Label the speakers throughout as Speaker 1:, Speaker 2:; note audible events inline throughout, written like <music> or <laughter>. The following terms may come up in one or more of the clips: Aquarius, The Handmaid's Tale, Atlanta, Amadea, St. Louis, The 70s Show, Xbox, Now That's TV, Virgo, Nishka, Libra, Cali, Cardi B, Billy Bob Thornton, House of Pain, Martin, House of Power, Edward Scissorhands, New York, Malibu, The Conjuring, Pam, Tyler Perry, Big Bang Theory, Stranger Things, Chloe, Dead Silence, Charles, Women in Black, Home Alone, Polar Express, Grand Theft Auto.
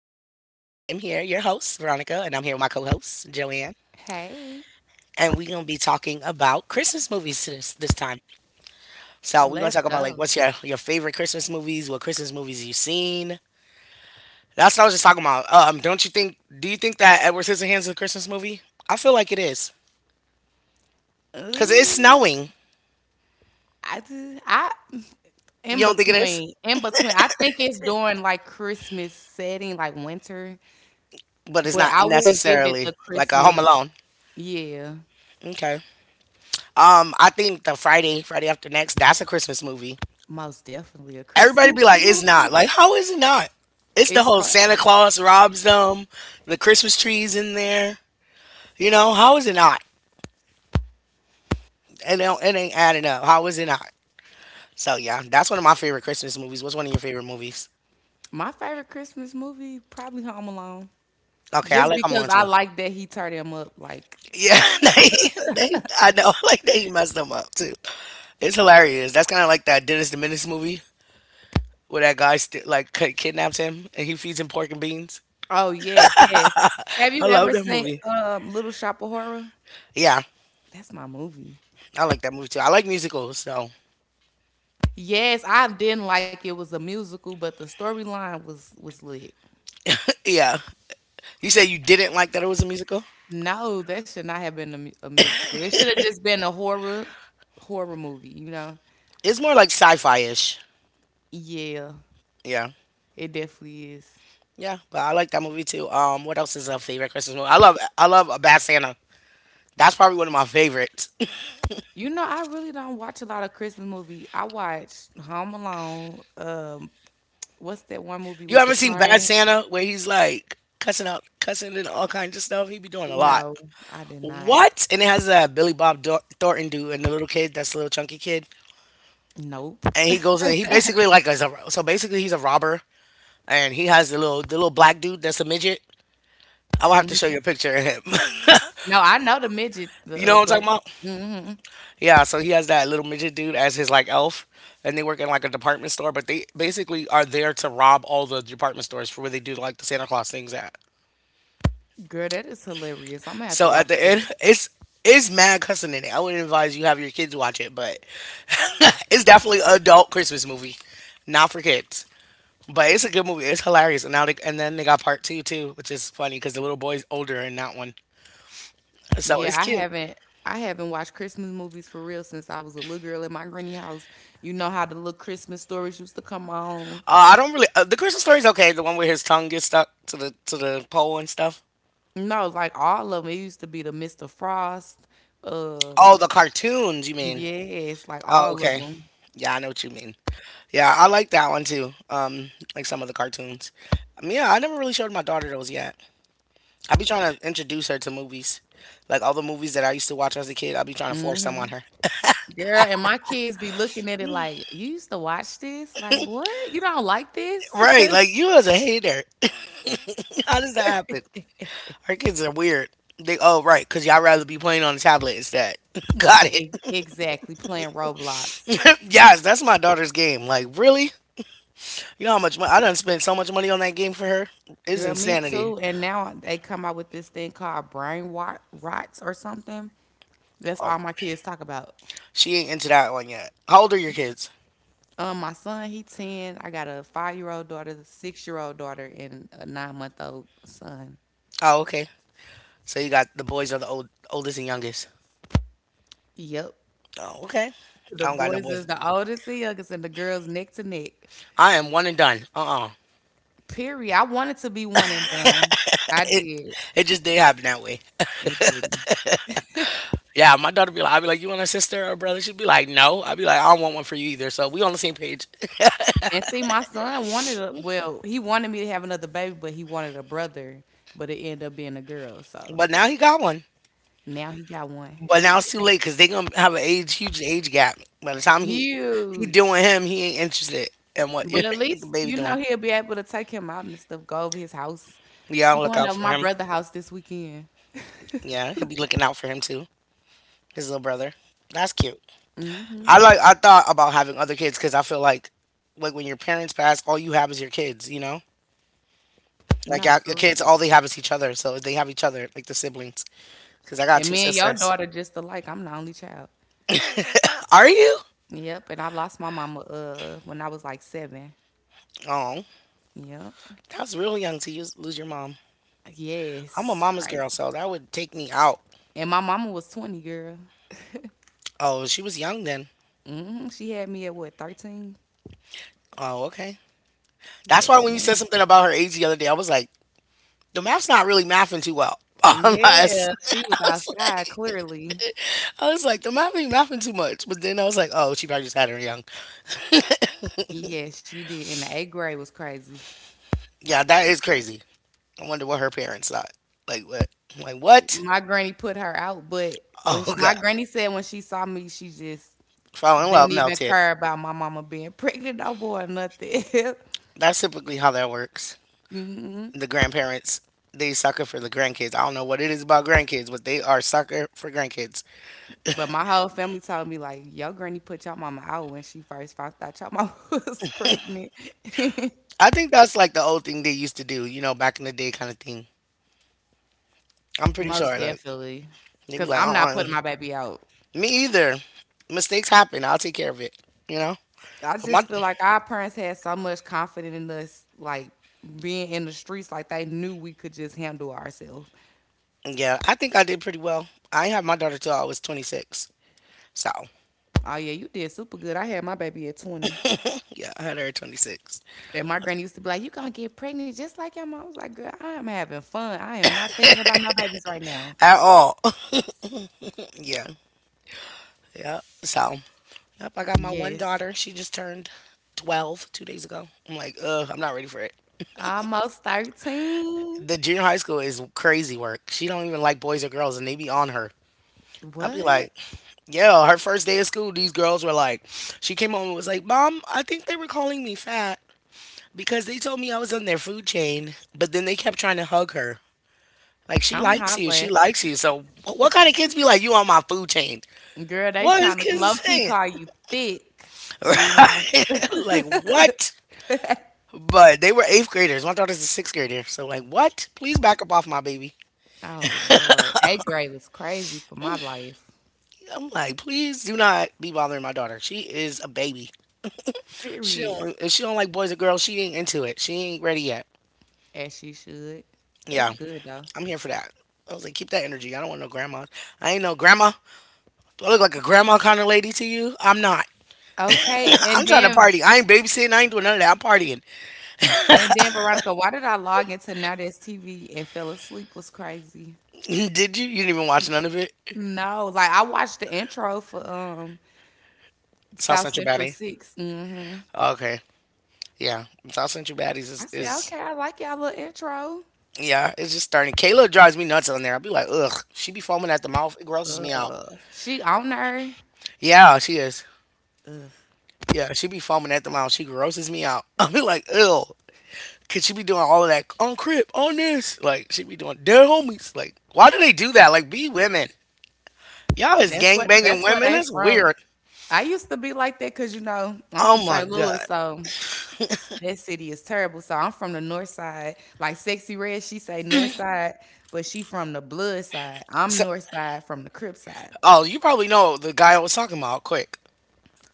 Speaker 1: here, your host, Veronica, and I'm here with my co host, Joanne.
Speaker 2: Hey.
Speaker 1: And we're going to be talking about Christmas movies this time. So, we're going to
Speaker 2: Let's
Speaker 1: talk about like
Speaker 2: go.
Speaker 1: what's your favorite Christmas movies, what Christmas movies you've seen. That's what I was just talking about. Don't you think, do you think that Edward Scissorhands is a Christmas movie? I feel like it is. Because it's
Speaker 2: Ooh,
Speaker 1: snowing.
Speaker 2: I do. I
Speaker 1: You
Speaker 2: in
Speaker 1: don't think it is?
Speaker 2: between, in between. I think it's during like Christmas setting, like winter,
Speaker 1: But it's
Speaker 2: but
Speaker 1: not
Speaker 2: I wouldn't give it
Speaker 1: necessarily
Speaker 2: the
Speaker 1: like a Home
Speaker 2: Christmas.
Speaker 1: Alone.
Speaker 2: Yeah,
Speaker 1: Okay. I think the Friday after next, that's a Christmas movie.
Speaker 2: most definitely a
Speaker 1: Everybody
Speaker 2: Christmas
Speaker 1: be
Speaker 2: <laughs>
Speaker 1: like, it's not.
Speaker 2: movie.
Speaker 1: Like, how is it not? It's the
Speaker 2: It's
Speaker 1: whole
Speaker 2: so-
Speaker 1: Santa Claus robs them, the Christmas trees in there. You know, how is it not? It, don't, it ain't adding up. How is it not? So, yeah, that's one of my favorite Christmas movies. What's one of your favorite movies?
Speaker 2: my favorite Christmas movie, probably Home Alone,
Speaker 1: Okay, I
Speaker 2: just
Speaker 1: like
Speaker 2: because
Speaker 1: I'm
Speaker 2: I
Speaker 1: too.
Speaker 2: like that he turned him up. Like,
Speaker 1: Yeah, <laughs> they, I know, <laughs> like they messed them up too. It's hilarious. That's kind of like that Dennis the Menace movie where that guy kidnaps him and he feeds him pork and beans.
Speaker 2: oh yes, yes. Have
Speaker 1: I
Speaker 2: you
Speaker 1: love
Speaker 2: ever
Speaker 1: that
Speaker 2: seen
Speaker 1: movie.
Speaker 2: Little Shop of Horror?
Speaker 1: Yeah,
Speaker 2: That's my movie.
Speaker 1: I like that movie too. I like musicals, so
Speaker 2: Yes, I didn't like it was a musical, but the storyline was lit.
Speaker 1: yeah. You say you didn't like that it was a musical?
Speaker 2: No, that should not have been a musical. It should have just been a horror movie, you know?
Speaker 1: It's more like sci-fi ish.
Speaker 2: Yeah,
Speaker 1: Yeah.
Speaker 2: it definitely is.
Speaker 1: Yeah, but I like that movie too. What else is a favorite Christmas movie? I love a Bad Santa. That's probably one of my favorites. <laughs>
Speaker 2: You know, I really don't watch a lot of Christmas movies. I watch Home Alone. What's that one movie
Speaker 1: You
Speaker 2: with the
Speaker 1: haven't seen Bad
Speaker 2: train?
Speaker 1: Santa where he's like cussing and all kinds of stuff? He be doing a lot.
Speaker 2: No, I did not.
Speaker 1: What? And it has Billy Bob Thornton dude and the little kid, that's the little chunky kid.
Speaker 2: Nope.
Speaker 1: And he goes in he basically like is a so basically he's a robber and he has the little black dude that's a midget. I will have to show
Speaker 2: hmm
Speaker 1: you a picture of him.
Speaker 2: No, I know the midget,
Speaker 1: <laughs> You
Speaker 2: the
Speaker 1: know what I'm
Speaker 2: black.
Speaker 1: talking about?
Speaker 2: Hmm
Speaker 1: Yeah, so he has that little midget dude as his like elf, and they work in like a department store, but they basically are there to rob all the department stores for where they do like the Santa Claus things at.
Speaker 2: Girl, that is hilarious. I'm gonna have to
Speaker 1: So at
Speaker 2: watch
Speaker 1: the end,
Speaker 2: that.
Speaker 1: it's mad cussing in it. I wouldn't advise you have your kids watch it, but <laughs> it's definitely an adult Christmas movie, not for kids. But it's a good movie. It's hilarious, and then they got part two too, which is funny because the little boy's older in that one, so it's
Speaker 2: Yeah,
Speaker 1: cute.
Speaker 2: I haven't watched Christmas movies for real since I was a little girl at my granny house. You know how the little Christmas stories used to come on.
Speaker 1: I don't really the Christmas story's okay. The one where his tongue gets stuck to the pole and stuff.
Speaker 2: No, like all of them. It used to be the Mr. Frost. Um,
Speaker 1: Oh, the cartoons, you mean?
Speaker 2: yes, like
Speaker 1: Oh,
Speaker 2: all of
Speaker 1: okay.
Speaker 2: them.
Speaker 1: Yeah, I know what you mean. Yeah, I like that one too. Like some of the cartoons. Yeah, I never really showed my daughter those yet. I be trying to introduce her to movies, like all the movies that I used to watch as a kid. I be trying to force them
Speaker 2: Hmm
Speaker 1: on her.
Speaker 2: Girl, and my kids be looking at it like, you used to watch this? Like, what? You don't like this?
Speaker 1: Right,
Speaker 2: <laughs>
Speaker 1: like you as a hater. <laughs> How does that happen? Our kids are weird. They oh right, cause y'all rather be playing on a tablet instead. <laughs> Got it.
Speaker 2: Exactly, playing Roblox.
Speaker 1: <laughs> Yes, that's my daughter's game. Like really, you know how much money I done spent so much money on that game for her. It's
Speaker 2: Girl, me
Speaker 1: insanity.
Speaker 2: too. And now they come out with this thing called rots or something. That's
Speaker 1: Oh,
Speaker 2: all my kids talk about.
Speaker 1: she ain't into that one yet. How old are your kids?
Speaker 2: My son, he 10. I got a 5 year old daughter, a 6 year old daughter, and a 9 month old son.
Speaker 1: Oh, okay. So you got the boys are the oldest and youngest.
Speaker 2: Yep.
Speaker 1: Oh, okay.
Speaker 2: The
Speaker 1: I don't got no
Speaker 2: boys is
Speaker 1: boys.
Speaker 2: the oldest and youngest, and the girls neck to neck.
Speaker 1: I am one and done. Uh.
Speaker 2: Period. I wanted to be one and done. I
Speaker 1: <laughs> It
Speaker 2: did.
Speaker 1: just did happen that way.
Speaker 2: It didn't.
Speaker 1: Yeah, my daughter be like, I'd be like, you want a sister or a brother? She'd be like, no. I'd be like, I don't want one for you either. So we on the same page. <laughs>
Speaker 2: And see, my son wanted a he wanted me to have another baby, but he wanted a brother, but it ended up being a girl. So
Speaker 1: But now he got one.
Speaker 2: now he got one.
Speaker 1: But now it's too late because they gonna have an age huge age gap. By the time he
Speaker 2: Huge.
Speaker 1: doing him, he ain't interested in what <laughs>
Speaker 2: But at
Speaker 1: the
Speaker 2: least you
Speaker 1: baby
Speaker 2: know
Speaker 1: doing.
Speaker 2: he'll be able to take him out and stuff. Go over his house.
Speaker 1: Yeah,
Speaker 2: I'm
Speaker 1: I'll look
Speaker 2: going
Speaker 1: out
Speaker 2: over
Speaker 1: for
Speaker 2: my
Speaker 1: him.
Speaker 2: brother's house this weekend.
Speaker 1: Yeah, he'll be looking out for him too. His little brother. That's cute. I
Speaker 2: Hmm
Speaker 1: like. I thought about having other kids because I feel like when your parents pass, all you have is your kids. You know, like
Speaker 2: No,
Speaker 1: yeah, your
Speaker 2: for real.
Speaker 1: kids, all they have is each other. So they have each other, like the siblings. Because I got
Speaker 2: And
Speaker 1: two
Speaker 2: me and your
Speaker 1: sisters.
Speaker 2: daughter just alike. I'm the only child.
Speaker 1: Are you?
Speaker 2: Yep. And I lost my mama when I was like 7.
Speaker 1: Oh,
Speaker 2: Yep.
Speaker 1: that was real young to use, lose your mom. I'm a
Speaker 2: Yes.
Speaker 1: mama's girl,
Speaker 2: Crazy.
Speaker 1: so that would take me out.
Speaker 2: And my mama was 20, girl.
Speaker 1: Oh, she was young then.
Speaker 2: Hmm She had me at what, 13?
Speaker 1: Oh, okay. That's why
Speaker 2: Yes,
Speaker 1: when you said
Speaker 2: ma'am.
Speaker 1: something about her age the other day, I was like, the math's not really mathing too well. <laughs> Unless
Speaker 2: Yeah.
Speaker 1: <laughs>
Speaker 2: She
Speaker 1: I
Speaker 2: was
Speaker 1: was
Speaker 2: outside,
Speaker 1: like,
Speaker 2: clearly.
Speaker 1: I was like, the mapping too much. But then I was like, oh, she probably just had her young.
Speaker 2: Yes, she did. And the eighth grade was crazy.
Speaker 1: Yeah, that is crazy. I wonder what her parents thought. Like what? Like what?
Speaker 2: My granny put her out, but when
Speaker 1: Oh
Speaker 2: sh my
Speaker 1: god.
Speaker 2: granny said when she saw me, she just
Speaker 1: Fall in
Speaker 2: didn't
Speaker 1: love,
Speaker 2: even
Speaker 1: melted.
Speaker 2: care about my mama being <laughs> pregnant no more or nothing.
Speaker 1: That's typically how that works.
Speaker 2: <laughs> hmm
Speaker 1: The grandparents, they sucker for the grandkids. I don't know what it is about grandkids, but they are sucker for grandkids.
Speaker 2: But my whole family told me like, your granny put your mama out when she first found out your mama <laughs> was pregnant.
Speaker 1: I think that's like the old thing they used to do, you know, back in the day kind of thing. I'm
Speaker 2: <laughs>
Speaker 1: pretty
Speaker 2: Most
Speaker 1: sure. Like
Speaker 2: definitely.
Speaker 1: they be
Speaker 2: Cause
Speaker 1: like,
Speaker 2: I'm not
Speaker 1: uh.
Speaker 2: putting my baby out.
Speaker 1: Me either. Mistakes happen. I'll take care of it. You know.
Speaker 2: I
Speaker 1: But
Speaker 2: just
Speaker 1: my
Speaker 2: feel like our parents had so much confidence in us, like being in the streets, like they knew we could just handle ourselves.
Speaker 1: Yeah, I think I did pretty well. I didn't have my daughter till I was 26. So,
Speaker 2: Oh yeah, you did super good. I had my baby at 20.
Speaker 1: yeah, I had her at 26.
Speaker 2: And my granny used to be like, "You gonna get pregnant just like your mom." I was like, "Girl, I am having fun. I am not thinking about no babies right now."
Speaker 1: At all. <laughs> Yeah. Yeah. So, yep, I got my one
Speaker 2: Yes,
Speaker 1: daughter. She just turned 12 two days ago. I'm like, ugh, I'm not ready for it.
Speaker 2: almost 13.
Speaker 1: The junior high school is crazy work. She don't even like boys or girls, and they be on her. I'd be
Speaker 2: What?
Speaker 1: like, yeah, her first day of school, these girls were like, she came home and was like, Mom, I think they were calling me fat because they told me I was on their food chain, but then they kept trying to hug her. Like she
Speaker 2: I'm
Speaker 1: likes you. She
Speaker 2: hollering.
Speaker 1: likes you. So what kind of kids be like you on my food chain?
Speaker 2: Girl, they
Speaker 1: What is
Speaker 2: trying to low
Speaker 1: kids
Speaker 2: key
Speaker 1: saying?
Speaker 2: call you thick, you know?
Speaker 1: <laughs> Like
Speaker 2: <laughs>
Speaker 1: what? But they were eighth graders. My daughter's a sixth grader. So like what? Please back up off my baby.
Speaker 2: Oh, Lord. Eighth grade was crazy for my life.
Speaker 1: I'm like, please do not be bothering my daughter. She is a baby. She
Speaker 2: Period.
Speaker 1: don't If she don't like boys or girls, she ain't into it. She ain't ready yet.
Speaker 2: As she should. That's
Speaker 1: Yeah,
Speaker 2: good, though.
Speaker 1: I'm here for that. I was like, keep that energy. I don't want no grandma. I ain't no grandma. Do I look like a grandma kind of lady to you? I'm not.
Speaker 2: Okay.
Speaker 1: <clears throat> I'm trying to party. I ain't babysitting. I ain't doing none of that. I'm partying.
Speaker 2: Veronica, why did I log into Now That's TV and fell asleep was crazy?
Speaker 1: Did you? You didn't even watch none of it?
Speaker 2: No, like I watched the intro for
Speaker 1: South
Speaker 2: South
Speaker 1: Central
Speaker 2: Central
Speaker 1: Batty.
Speaker 2: 6. Hmm
Speaker 1: Oh, okay. Yeah. South Central Baddies is,
Speaker 2: I said,
Speaker 1: is
Speaker 2: okay, I like y'all little intro.
Speaker 1: yeah, it's just starting. Kayla drives me nuts on there. I'll be like, ugh. She be foaming at the mouth. It grosses me out.
Speaker 2: She on there.
Speaker 1: Yeah, she is. Yeah, she be foaming at the mouth. She grosses me out. <laughs> I'll be like, ew. Could she be doing all of that on Crip, on this? Like, she be doing dead homies. Like, why do they do that? Like, be women. Y'all is gangbanging
Speaker 2: That's where
Speaker 1: women.
Speaker 2: they
Speaker 1: That's
Speaker 2: from.
Speaker 1: weird.
Speaker 2: I used to be like that because you know I'm from
Speaker 1: Oh my
Speaker 2: St. Louis,
Speaker 1: God.
Speaker 2: so that city is terrible. So I'm from the north side. Like Sexy Red, she say north side, but she from the blood side. I'm
Speaker 1: So,
Speaker 2: north side from the crib side.
Speaker 1: oh, you probably know the guy I was talking about, quick.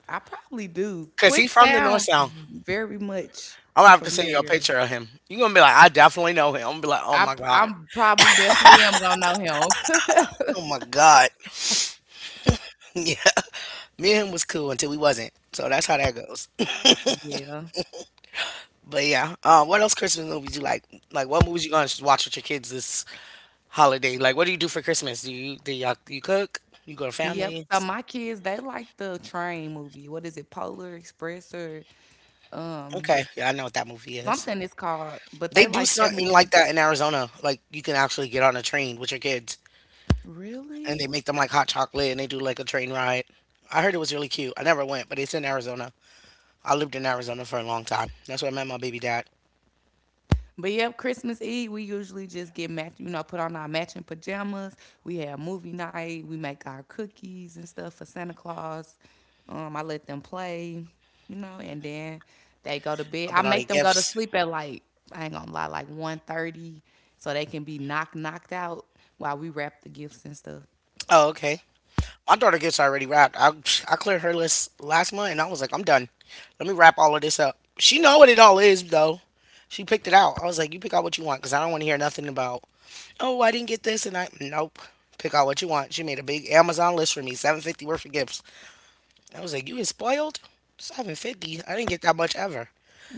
Speaker 2: I probably do.
Speaker 1: Because he
Speaker 2: Quick
Speaker 1: from the North
Speaker 2: sound
Speaker 1: Sound.
Speaker 2: very much
Speaker 1: I'm gonna have to send you a
Speaker 2: familiar.
Speaker 1: picture of him. You're gonna be like, I definitely know him. I'm gonna be like, oh
Speaker 2: I
Speaker 1: my god,
Speaker 2: I'm probably definitely am gonna know him. <laughs>
Speaker 1: oh my god. <laughs> Yeah, me and him was cool until we wasn't. So that's how that goes. <laughs>
Speaker 2: Yeah.
Speaker 1: But yeah, what else Christmas movies you like? Like, what movies you gonna just watch with your kids this holiday? Like, what do you do for Christmas? Do you do you cook? You go to
Speaker 2: Yep. So
Speaker 1: families?
Speaker 2: my kids, they like the train movie. What is it, Polar Express or um
Speaker 1: Okay, yeah, I know what that movie is.
Speaker 2: something it's called, but
Speaker 1: They
Speaker 2: they
Speaker 1: do
Speaker 2: like that
Speaker 1: something like
Speaker 2: movie.
Speaker 1: that in Arizona. Like, you can actually get on a train with your kids, and
Speaker 2: Really?
Speaker 1: they make them like hot chocolate, and they do like a train ride. I heard it was really cute. I never went, but it's in Arizona. I lived in Arizona for a long time. That's where I met my baby dad.
Speaker 2: But yep, Christmas Eve we usually just you know, put on our matching pajamas. We have movie night. We make our cookies and stuff for Santa Claus. I let them play, you know, and then they go to bed. I
Speaker 1: Opened all the
Speaker 2: make them go to
Speaker 1: gifts.
Speaker 2: sleep at like I ain't gonna lie, like 1:30, so they can be knocked out while we wrap the gifts and stuff.
Speaker 1: Oh, okay. My daughter gifts are already wrapped. I cleared her list last month, and I was like, I'm done. Let me wrap all of this up. She know what it all is though. She picked it out. I was like, you pick out what you want, cause I don't want to hear nothing about. Oh, I didn't get this, and I nope. Pick out what you want. She made a big Amazon list for me, 750 worth of gifts. I was like, you is spoiled. 750. I didn't get that much ever.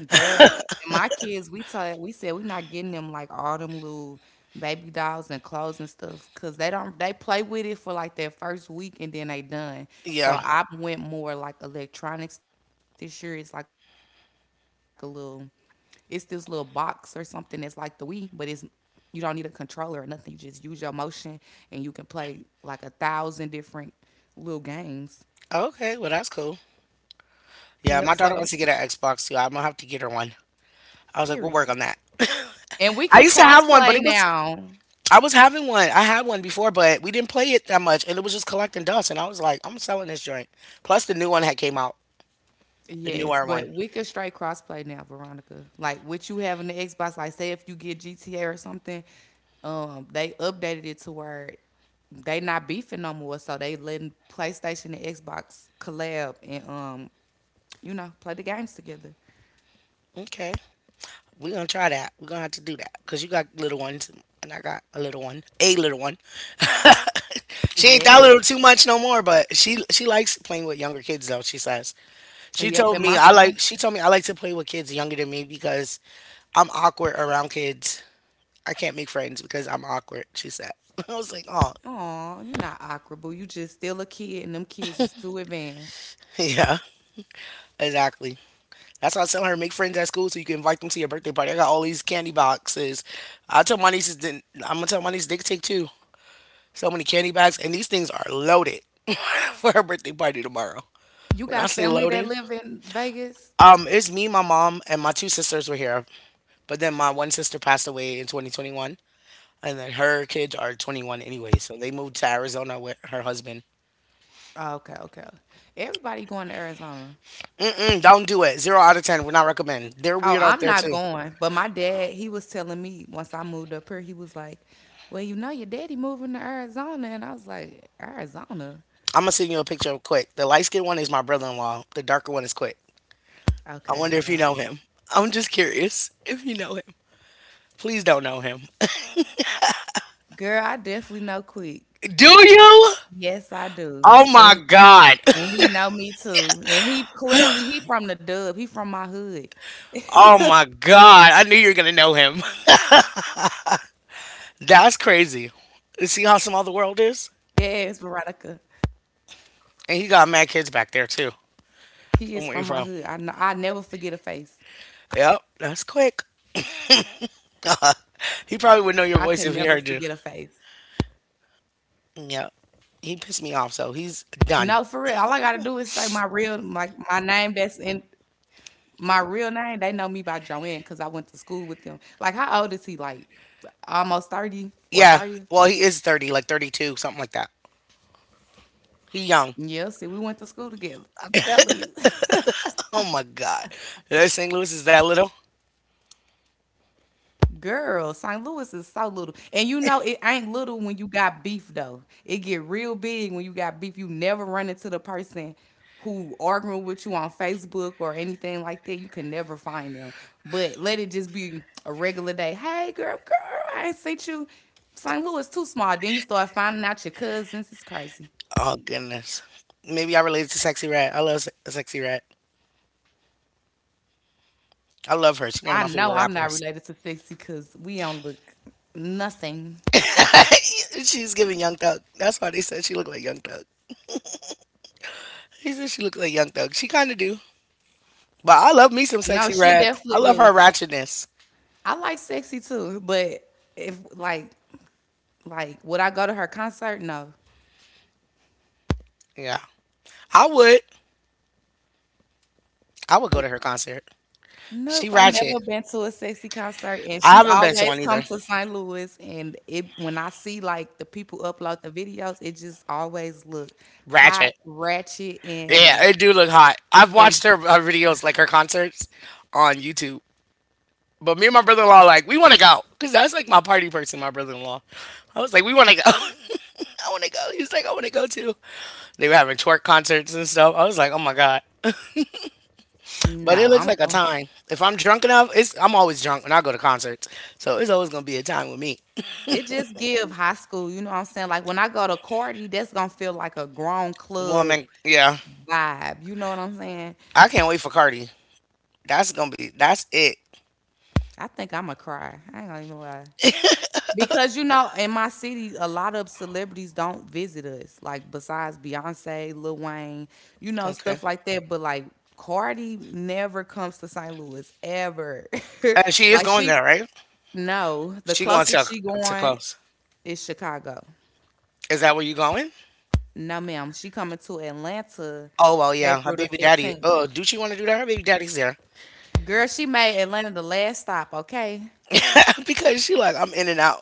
Speaker 2: Girl, and my kids, we said we not getting them like all them little baby dolls and clothes and stuff because they don't they play with it for like their first week and then they done. So
Speaker 1: Yeah.
Speaker 2: I went more like electronics this year. It's this little box or something that's like the Wii, but it's you don't need a controller or nothing. You just use your motion and you can play like 1,000 different little games.
Speaker 1: Okay. Well, that's cool. Yeah,
Speaker 2: Yep.
Speaker 1: my daughter
Speaker 2: So
Speaker 1: wants to get an Xbox too. I'm gonna have to get her one. I was like, we'll work
Speaker 2: period.
Speaker 1: on that.
Speaker 2: And we
Speaker 1: <laughs> I
Speaker 2: can
Speaker 1: used to
Speaker 2: cross
Speaker 1: have one, but
Speaker 2: play
Speaker 1: it was
Speaker 2: now.
Speaker 1: I was having one. I had one before, but we didn't play it that much, and it was just collecting dust. And I was like, I'm selling this joint. Plus, the new one had came out, the
Speaker 2: Yes,
Speaker 1: newer
Speaker 2: but
Speaker 1: one.
Speaker 2: we could straight crossplay now, Veronica. Like with you having the Xbox, like say if you get GTA or something, they updated it to where they not beefing no more, so they letting PlayStation and Xbox collab and you know, play the games together.
Speaker 1: Okay, we're gonna try that. We're gonna have to do that because you got little ones, and I got a little one, a little one. <laughs> She ain't
Speaker 2: Yeah.
Speaker 1: that little too much no more, but she likes playing with younger kids though. She says
Speaker 2: Yep, and my son.
Speaker 1: she told me I like to play with kids younger than me because I'm awkward around kids. I can't make friends because I'm awkward, she said. <laughs> I was like, oh,
Speaker 2: Oh, you not awkward, boo. You just still a kid and them kids is too advanced.
Speaker 1: <laughs> yeah, exactly. That's why I tell her make friends at school so you can invite them to your birthday party. I got all these candy boxes. I'm gonna tell my nieces they can take two. So many candy bags, and these things are loaded <laughs> for her birthday party tomorrow.
Speaker 2: You
Speaker 1: When I
Speaker 2: got
Speaker 1: say
Speaker 2: family that
Speaker 1: loaded,
Speaker 2: live in Vegas?
Speaker 1: it's me, my mom, and my two sisters were here, but then my one sister passed away in 2021, and then her kids are 21 anyway, so they moved to Arizona with her husband.
Speaker 2: Oh, okay, okay. Everybody going to Arizona.
Speaker 1: Mm, don't do it. Zero out of ten. Would not recommend. They're
Speaker 2: Oh,
Speaker 1: weird out
Speaker 2: I'm
Speaker 1: there
Speaker 2: not
Speaker 1: too.
Speaker 2: going. But my dad, he was telling me once I moved up here, he was like, well, you know, your daddy moving to Arizona. And I was like, Arizona?
Speaker 1: I'm gonna send you a picture of Quick. The light skinned one is my brother in law. The darker one is Quick. I
Speaker 2: Okay,
Speaker 1: wonder
Speaker 2: hold
Speaker 1: if you
Speaker 2: on.
Speaker 1: know him. I'm just curious if you know him. Please don't know him. <laughs>
Speaker 2: Girl, I definitely know quick.
Speaker 1: Do you?
Speaker 2: Yes, I do.
Speaker 1: Oh my
Speaker 2: And,
Speaker 1: god.
Speaker 2: and
Speaker 1: <laughs>
Speaker 2: he know me too. And he clearly, he from the dub. He from my hood.
Speaker 1: Oh my god. I knew you were gonna know him. <laughs>
Speaker 2: Yes,
Speaker 1: That's
Speaker 2: Veronica.
Speaker 1: crazy. You see how small the world is? And
Speaker 2: He
Speaker 1: he
Speaker 2: is
Speaker 1: got
Speaker 2: from
Speaker 1: mad
Speaker 2: my
Speaker 1: kids
Speaker 2: hood. I
Speaker 1: back
Speaker 2: know,
Speaker 1: there
Speaker 2: I
Speaker 1: too.
Speaker 2: never forget a face.
Speaker 1: From where you from? Yep, that's Quick.
Speaker 2: I could never forget a
Speaker 1: He probably
Speaker 2: face.
Speaker 1: would know your voice if he heard you. Yep. He pissed me
Speaker 2: No,
Speaker 1: off,
Speaker 2: for
Speaker 1: so
Speaker 2: real. All
Speaker 1: he's
Speaker 2: I gotta do
Speaker 1: done.
Speaker 2: is say my real, my real name, they know me by Joanne because I went to school with them. Like, how old is he? Like, almost 30 or 30?
Speaker 1: Yeah. Well, he is 30, like 32, something like that. He young.
Speaker 2: Yeah, see, we went to school together. I'm telling you.
Speaker 1: Oh my God. St. Louis is that little?
Speaker 2: Girl, St. Louis is so little. And you know it ain't little when you got beef though. It get real big when you got beef. You never run into the person who arguing with you on Facebook or anything like that. You can never find them. But let it just be a regular day. Hey girl, I ain't seen you. St. Louis too small. Then you start finding out your cousins. It's crazy.
Speaker 1: Oh goodness. Maybe I related to Sexy Red. I love Sexy Red. I love her. She's one of my
Speaker 2: I
Speaker 1: favorite
Speaker 2: know I'm not
Speaker 1: rappers.
Speaker 2: related to Sixty because we don't look nothing.
Speaker 1: <laughs> She's giving Young Thug. That's why they said she looked like Young Thug. He said she looked like Young Thug. She kind of do. But I love me some
Speaker 2: No,
Speaker 1: Sexy
Speaker 2: she
Speaker 1: Red. I
Speaker 2: definitely
Speaker 1: love
Speaker 2: do.
Speaker 1: her ratchetness.
Speaker 2: I like sexy too, but if like like would I go to her concert? No.
Speaker 1: Yeah. I would. I would go to her concert. She
Speaker 2: Nope, I
Speaker 1: ratchet.
Speaker 2: never been to a sexy concert, and
Speaker 1: I
Speaker 2: she
Speaker 1: haven't been to
Speaker 2: always
Speaker 1: one
Speaker 2: come
Speaker 1: either.
Speaker 2: to St. Louis. And it when I see like the people upload the videos, it just always look hot,
Speaker 1: Ratchet.
Speaker 2: ratchet,
Speaker 1: Yeah, it do look hot. I've
Speaker 2: and
Speaker 1: watched her videos, like her concerts, on YouTube. But me and my brother in law, like, we want to go because that's like my party person, my brother in law. I was like, we want to go. <laughs> I want to go. He was like, I want to go too. They were having twerk concerts and stuff. I was like, oh my god. But
Speaker 2: no,
Speaker 1: it looks
Speaker 2: I'm
Speaker 1: like a
Speaker 2: going.
Speaker 1: time. If I'm drunk enough, it's I'm always drunk when I go to concerts, so it's always gonna be a time with me.
Speaker 2: It just give high school, you know what I'm saying? Like when I go to Cardi, that's gonna feel like a grown club
Speaker 1: Woman, yeah,
Speaker 2: vibe. You know what I'm saying?
Speaker 1: I can't wait for Cardi. That's gonna be that's it.
Speaker 2: I think I'ma cry. I ain't gonna even lie. Because you know, in my city, a lot of celebrities don't visit us. Like besides Beyonce, Lil Wayne, you know,
Speaker 1: Okay,
Speaker 2: stuff like that. But like Cardi never comes to St. Louis ever. <laughs>
Speaker 1: and she is
Speaker 2: like
Speaker 1: going
Speaker 2: she
Speaker 1: there, right?
Speaker 2: no. The
Speaker 1: She going
Speaker 2: closest
Speaker 1: to
Speaker 2: she going
Speaker 1: close.
Speaker 2: is Chicago.
Speaker 1: Is that where you going?
Speaker 2: No, ma'am. She coming to Atlanta
Speaker 1: Oh well, yeah. Her
Speaker 2: April the
Speaker 1: baby daddy.
Speaker 2: 15th.
Speaker 1: Oh, do she want to do that? Her baby daddy's there
Speaker 2: Girl, she made Atlanta the last stop, okay?
Speaker 1: <laughs> because she like I'm in and out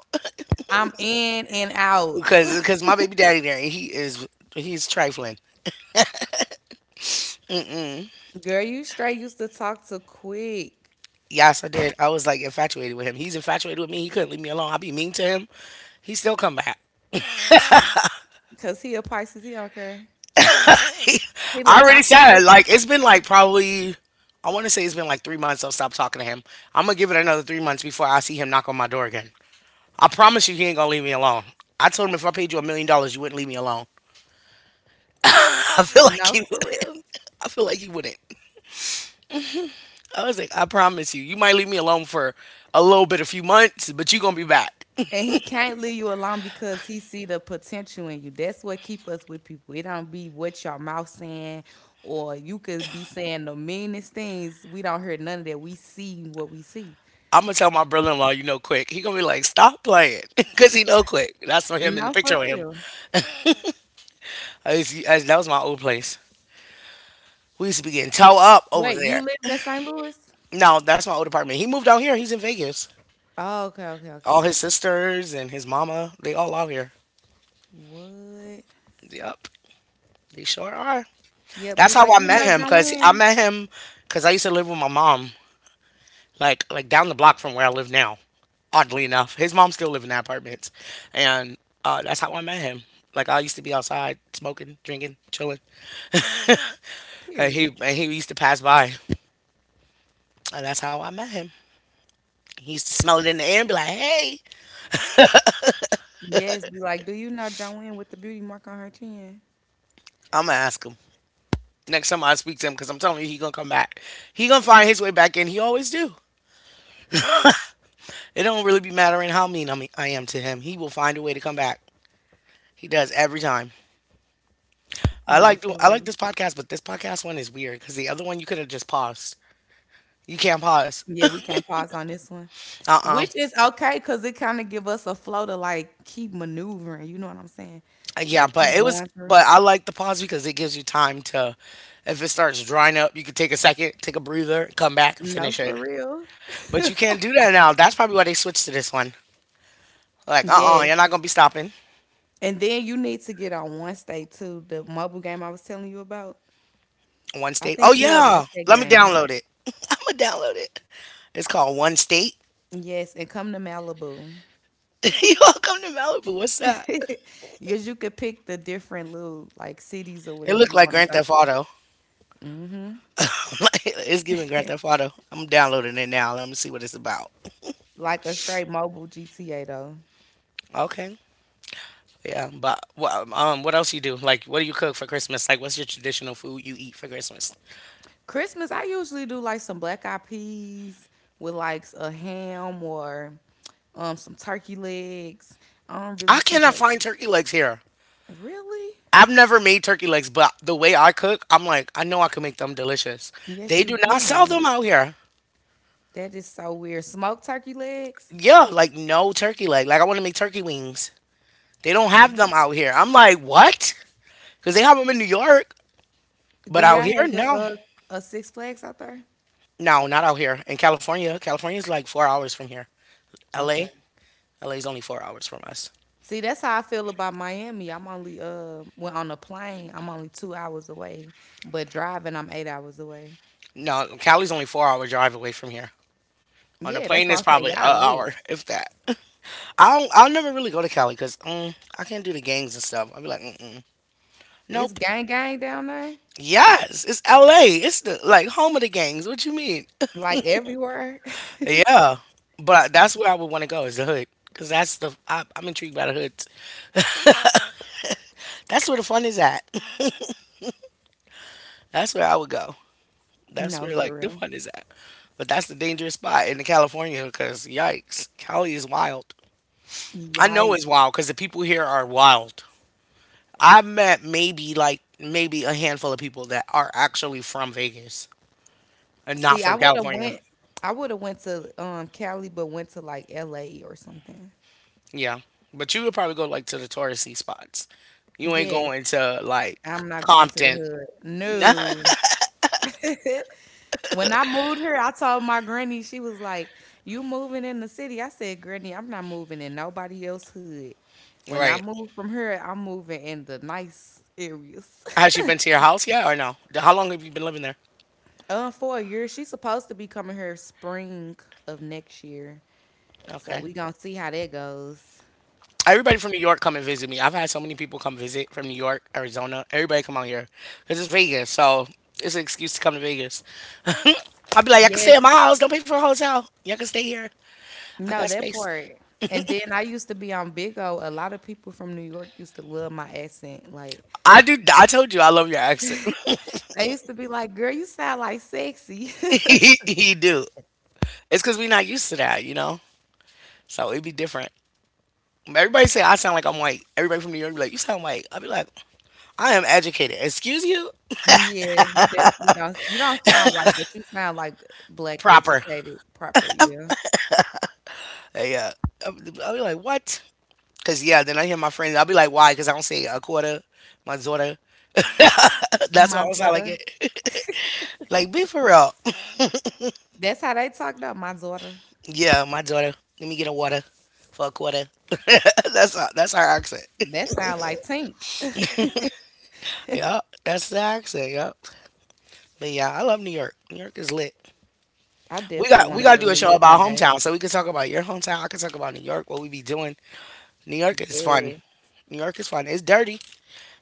Speaker 2: I'm in and out.
Speaker 1: because my baby daddy there and he's trifling.
Speaker 2: <laughs> Girl, you straight used to talk to quick.
Speaker 1: Yes, I did. I was like infatuated with him. He's infatuated with me. He couldn't leave me alone. I be mean to him. He still come back.
Speaker 2: Cause he a Pisces, he don't care. He
Speaker 1: I
Speaker 2: like, I
Speaker 1: already
Speaker 2: see them.
Speaker 1: said like it's been like probably I want to say it's been like 3 months. I'll stop talking to him. I'm gonna give it another 3 months before I see him knock on my door again. I promise you, he ain't gonna leave me alone. I told him if I paid you $1 million, you wouldn't leave me alone. <laughs> I feel like
Speaker 2: No,
Speaker 1: he
Speaker 2: for
Speaker 1: would.
Speaker 2: real.
Speaker 1: I feel like he wouldn't. I was like, I promise you, you might leave me alone for a little bit, a few months, but you gonna be back.
Speaker 2: And he can't leave you alone because he see the potential in you. That's what keep us with people. It don't be what your mouth saying, or you could be saying the meanest things. We don't hear none of that. We see what we see.
Speaker 1: I'm gonna tell my brother-in-law, you know Quick. He gonna be like, stop playing, <laughs> cause he know Quick. That's on him in the
Speaker 2: No,
Speaker 1: picture
Speaker 2: for
Speaker 1: of him.
Speaker 2: real.
Speaker 1: That was my old place. We used to be getting towed up over
Speaker 2: Wait, you
Speaker 1: there.
Speaker 2: lived in St. Louis?
Speaker 1: No, that's my old apartment. He moved out here. He's in Vegas.
Speaker 2: Oh, okay, okay, okay.
Speaker 1: All his sisters and his mama, they all out here.
Speaker 2: What?
Speaker 1: Yep, they sure are.
Speaker 2: Yeah, be
Speaker 1: That's how
Speaker 2: like,
Speaker 1: I
Speaker 2: you
Speaker 1: met
Speaker 2: know
Speaker 1: him, cause I
Speaker 2: Joanne.
Speaker 1: met him, cause I used to live with my mom, like down the block from where I live now. Oddly enough, his mom still live in that apartment, and that's how I met him. Like I used to be outside smoking, drinking, chilling, and
Speaker 2: Period.
Speaker 1: he used to pass by, and that's how I met him. He used to smell it in the air and be like, "Hey,
Speaker 2: Yes, be like, do you know Joanne with the beauty mark on her chin?
Speaker 1: I'm gonna ask him." Next time I speak to him, because I'm telling you, he gonna come back. He gonna find his way back in. He always do. It don't really be mattering how mean I am to him. He will find a way to come back. He does every time. I
Speaker 2: No,
Speaker 1: like do
Speaker 2: for
Speaker 1: I like
Speaker 2: real.
Speaker 1: this podcast, but this podcast one is weird because the other one you could have just paused. You can't pause.
Speaker 2: Yeah, we can't pause on this one,
Speaker 1: Uh-uh.
Speaker 2: which is okay because it kind of give us a flow to like keep maneuvering. You know what I'm saying?
Speaker 1: Yeah,
Speaker 2: Like
Speaker 1: but
Speaker 2: keep
Speaker 1: it was
Speaker 2: going through.
Speaker 1: but I like the pause because it gives you time to if it starts drying up, you could take a second, take a breather, come back and
Speaker 2: No,
Speaker 1: finish it.
Speaker 2: for real.
Speaker 1: But you can't do that now. That's probably why they switched to this one. Like, uh-uh,
Speaker 2: Yes.
Speaker 1: you're not gonna be stopping.
Speaker 2: And then you need to get on Wednesday too, the mobile game I was telling you about.
Speaker 1: One
Speaker 2: I
Speaker 1: state. Oh
Speaker 2: think you would like
Speaker 1: yeah.
Speaker 2: that
Speaker 1: Let me
Speaker 2: game.
Speaker 1: download it. <laughs> I'ma download it. It's called One State.
Speaker 2: Yes, and come to Malibu.
Speaker 1: <laughs> You all come to Malibu. What's that?
Speaker 2: <laughs> Because you could pick the different little like cities or
Speaker 1: It
Speaker 2: whatever
Speaker 1: looked
Speaker 2: you
Speaker 1: like
Speaker 2: want to
Speaker 1: Grand
Speaker 2: go
Speaker 1: Theft
Speaker 2: to.
Speaker 1: Auto.
Speaker 2: Hmm.
Speaker 1: <laughs> It's giving Grand Theft
Speaker 2: <laughs>
Speaker 1: Auto. I'm downloading it now. Let me see what it's about.
Speaker 2: Like a straight mobile GTA though.
Speaker 1: Okay. Yeah, but what else you do? Like what do you cook for Christmas? Like what's your traditional food you eat for Christmas?
Speaker 2: Christmas, I usually do like some black eyed peas with like a ham or some turkey legs. I don't really
Speaker 1: I
Speaker 2: too
Speaker 1: cannot
Speaker 2: much.
Speaker 1: find turkey legs here.
Speaker 2: Really?
Speaker 1: I've never made turkey legs, but the way I cook, I'm like, I know I can make them delicious.
Speaker 2: Yes,
Speaker 1: They
Speaker 2: you
Speaker 1: do not sell
Speaker 2: can.
Speaker 1: them out here.
Speaker 2: That is so weird. Smoked turkey legs.
Speaker 1: Yeah, like no turkey leg. Like I want to make turkey wings. They don't have them
Speaker 2: What?
Speaker 1: out here. I'm like, what? Because they have them in New York,
Speaker 2: Do
Speaker 1: but out
Speaker 2: y'all
Speaker 1: here,
Speaker 2: have a,
Speaker 1: no,
Speaker 2: a a Six Flags out there?
Speaker 1: no, not out here. In California, California's like 4 hours from here. LA,
Speaker 2: Okay.
Speaker 1: LA's only 4 hours from us.
Speaker 2: See, that's how I feel about Miami. I'm only when on a plane, I'm only 2 hours away, but driving, I'm 8 hours away.
Speaker 1: No, Cali's only 4-hour drive away from here. On the
Speaker 2: Yeah, that's
Speaker 1: plane,
Speaker 2: why
Speaker 1: it's
Speaker 2: I'm saying
Speaker 1: probably an
Speaker 2: y'all
Speaker 1: hour,
Speaker 2: lit.
Speaker 1: if that. <laughs> I don't, I'll never really go to Cali because I can't do the gangs and stuff. I'll be like, mm-mm.
Speaker 2: It's
Speaker 1: Nope.
Speaker 2: gang gang down there,
Speaker 1: Yes, it's L.A. It's the like home of the gangs. What you mean? <laughs>
Speaker 2: like everywhere. <laughs>
Speaker 1: Yeah, but that's where I would want to go is the hood because I'm intrigued by the hood. That's where the fun is at. <laughs> That's where I would go. That's
Speaker 2: No,
Speaker 1: where
Speaker 2: for
Speaker 1: like the
Speaker 2: real.
Speaker 1: fun is at. But that's the dangerous spot in California because yikes, Cali is wild. I know it's
Speaker 2: Yikes.
Speaker 1: wild because the people here are wild. I've met maybe like maybe a handful of people that are actually from Vegas and not
Speaker 2: See,
Speaker 1: from California.
Speaker 2: I would have went to Cali but went to like LA or something.
Speaker 1: Yeah. But you would probably go like to the touristy spots. You ain't
Speaker 2: Yes,
Speaker 1: going to like
Speaker 2: I'm not going to the
Speaker 1: Compton.
Speaker 2: hood.
Speaker 1: <laughs>
Speaker 2: No. When I moved here, I told my granny, she was like, "You moving in the city?" I said, "Granny, I'm not moving in nobody else hood. When I
Speaker 1: Right.
Speaker 2: move from here, I'm moving in the nice areas."
Speaker 1: Has she been to your house yet or no? How long have you been living there?
Speaker 2: <laughs> For a year, she's supposed to be coming here spring of next year. So
Speaker 1: Okay.
Speaker 2: we gonna see how that goes.
Speaker 1: Everybody from New York come and visit me. I've had so many people come visit from New York, Arizona. Everybody come out here because it's Vegas, so it's an excuse to come to Vegas. I'd be like, I can
Speaker 2: Yes.
Speaker 1: stay at my house. Don't pay for a hotel. Y'all can stay here. I
Speaker 2: No,
Speaker 1: got
Speaker 2: that
Speaker 1: space.
Speaker 2: part. And then I used to be on Big O. A lot of people from New York used to love my accent. Like
Speaker 1: I do. I told you I love your accent.
Speaker 2: they used to be like, "Girl, you sound like sexy."
Speaker 1: <laughs>
Speaker 2: <laughs>
Speaker 1: You do. It's because we're not used to that. So it'd be different. Everybody say I sound like I'm white. Everybody from New York be like, "You sound white." I'd be like, "I am educated." Excuse you,
Speaker 2: Yeah, you definitely don't. You don't sound white, but you sound like black,
Speaker 1: proper.
Speaker 2: educated, proper. Yeah,
Speaker 1: Like, yeah. I'll be like, "What?" Because yeah. Then I hear my friends. I'll be like, "Why?" Because I don't say a quarter. My daughter. <laughs> That's why I
Speaker 2: my
Speaker 1: don't sound like
Speaker 2: daughter.
Speaker 1: it. <laughs> Like, be for real. <laughs>
Speaker 2: That's how they talk though. My daughter.
Speaker 1: Yeah, my daughter. Let me get a water for a quarter. <laughs> That's our accent.
Speaker 2: That sound like Tink.
Speaker 1: <laughs> Yeah, that's the accent. Yeah. But yeah, I love New York. New York is lit.
Speaker 2: I
Speaker 1: We
Speaker 2: definitely
Speaker 1: got we
Speaker 2: want to
Speaker 1: gotta
Speaker 2: go to
Speaker 1: do a
Speaker 2: New
Speaker 1: show
Speaker 2: York one
Speaker 1: about
Speaker 2: day.
Speaker 1: hometown, so we can talk about your hometown. I can talk about New York, what we be doing. New York is fun.
Speaker 2: Yeah,
Speaker 1: New York is fun. It's dirty,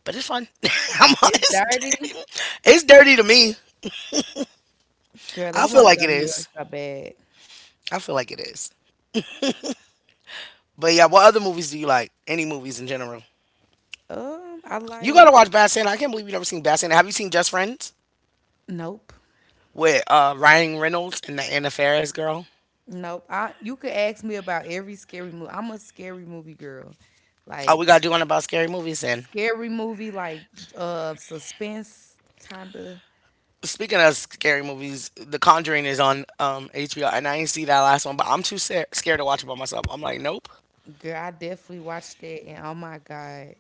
Speaker 1: but it's fun. <laughs> I'm
Speaker 2: it's
Speaker 1: It's
Speaker 2: dirty,
Speaker 1: dirty. It's dirty to me.
Speaker 2: girl. I
Speaker 1: I feel
Speaker 2: want to
Speaker 1: like
Speaker 2: go
Speaker 1: it
Speaker 2: to New York
Speaker 1: is.
Speaker 2: so bad.
Speaker 1: I feel like it is. But yeah, what other movies do you like? Any movies in general?
Speaker 2: I
Speaker 1: You
Speaker 2: like.
Speaker 1: gotta watch Bad Santa. I can't believe you never seen Bad Santa. Have you seen Just Friends
Speaker 2: Nope.
Speaker 1: with Ryan Reynolds and the Anna Faris girl?
Speaker 2: Nope. I, you could ask me about every scary movie. I'm a scary movie girl.
Speaker 1: Oh, we
Speaker 2: Like
Speaker 1: gotta do one about scary movies then.
Speaker 2: scary movie, like suspense kinda.
Speaker 1: Speaking of scary movies, The Conjuring is on HBO, and I ain't see that last one, but I'm too scared to watch it by myself. I'm like, nope.
Speaker 2: Girl, I definitely watched that and oh my God.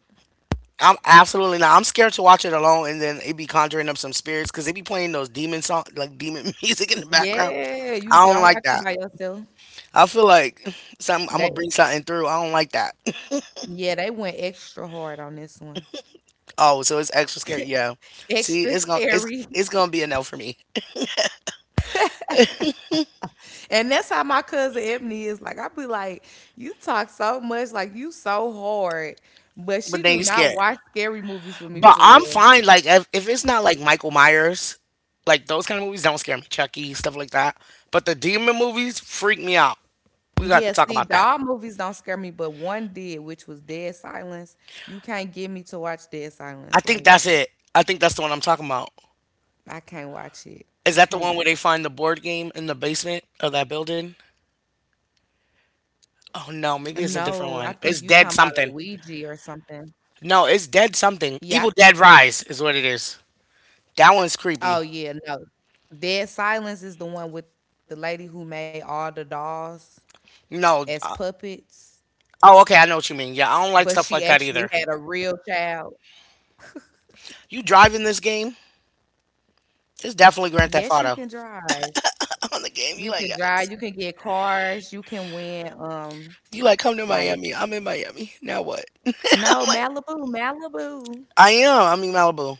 Speaker 1: I'm absolutely not. I'm scared to watch it alone, and then it be conjuring up some spirits because they be playing those demon song, like demon <laughs> music in the background.
Speaker 2: Yeah, you
Speaker 1: I don't
Speaker 2: don't
Speaker 1: like
Speaker 2: watch it
Speaker 1: that.
Speaker 2: by yourself.
Speaker 1: I feel like something I'm gonna
Speaker 2: They
Speaker 1: bring something through. I don't like that. <laughs>
Speaker 2: yeah, they went extra hard on this one.
Speaker 1: Oh, so it's extra scary. Yeah. See,
Speaker 2: Extra
Speaker 1: it's gonna it's
Speaker 2: scary. <laughs>
Speaker 1: it's gonna be a no for me.
Speaker 2: And that's how my cousin Ebony is. Like, I be like, you talk so much, like you so hard. But
Speaker 1: But
Speaker 2: she
Speaker 1: then
Speaker 2: do
Speaker 1: you
Speaker 2: not
Speaker 1: scared.
Speaker 2: watch scary movies with me
Speaker 1: But
Speaker 2: for
Speaker 1: I'm
Speaker 2: real.
Speaker 1: fine. Like if it's not like Michael Myers, like those kind of movies don't scare me. Chucky stuff like that. But the demon movies freak me out. We got to
Speaker 2: Yeah,
Speaker 1: talk
Speaker 2: see,
Speaker 1: about that.
Speaker 2: dog movies don't scare me, but one did, which was Dead Silence. You can't get me to watch Dead
Speaker 1: I
Speaker 2: Silence.
Speaker 1: think
Speaker 2: Like,
Speaker 1: that's it. I think that's the one I'm talking about.
Speaker 2: I can't watch it. I
Speaker 1: Is that the
Speaker 2: can't.
Speaker 1: one where they find the board game in the basement of that building? Oh
Speaker 2: uh,
Speaker 1: no, maybe it's
Speaker 2: No,
Speaker 1: a
Speaker 2: I
Speaker 1: different
Speaker 2: think you
Speaker 1: one.
Speaker 2: talking
Speaker 1: It's
Speaker 2: about
Speaker 1: Dead
Speaker 2: a
Speaker 1: Something.
Speaker 2: Ouija or something.
Speaker 1: No, it's Dead Something.
Speaker 2: Yeah.
Speaker 1: Evil Dead Rise is what it is. That one's
Speaker 2: Oh,
Speaker 1: creepy.
Speaker 2: yeah. No, Dead Silence is the one with the lady who made all the dolls as
Speaker 1: No.
Speaker 2: puppets,
Speaker 1: Oh, okay. I know what you mean.
Speaker 2: but
Speaker 1: Yeah, I don't
Speaker 2: she
Speaker 1: like stuff
Speaker 2: actually
Speaker 1: like that
Speaker 2: had a
Speaker 1: either.
Speaker 2: real child.
Speaker 1: You driving this game? It's definitely Grand Theft
Speaker 2: Yes, you
Speaker 1: Auto.
Speaker 2: can drive.
Speaker 1: On the game. You
Speaker 2: You
Speaker 1: like,
Speaker 2: can drive.
Speaker 1: yes.
Speaker 2: You can get cars. You can win
Speaker 1: You like, come to Miami.
Speaker 2: like
Speaker 1: I'm in Miami. Now what? <laughs> I'm
Speaker 2: No,
Speaker 1: like,
Speaker 2: Malibu, Malibu.
Speaker 1: I am. I'm in Malibu.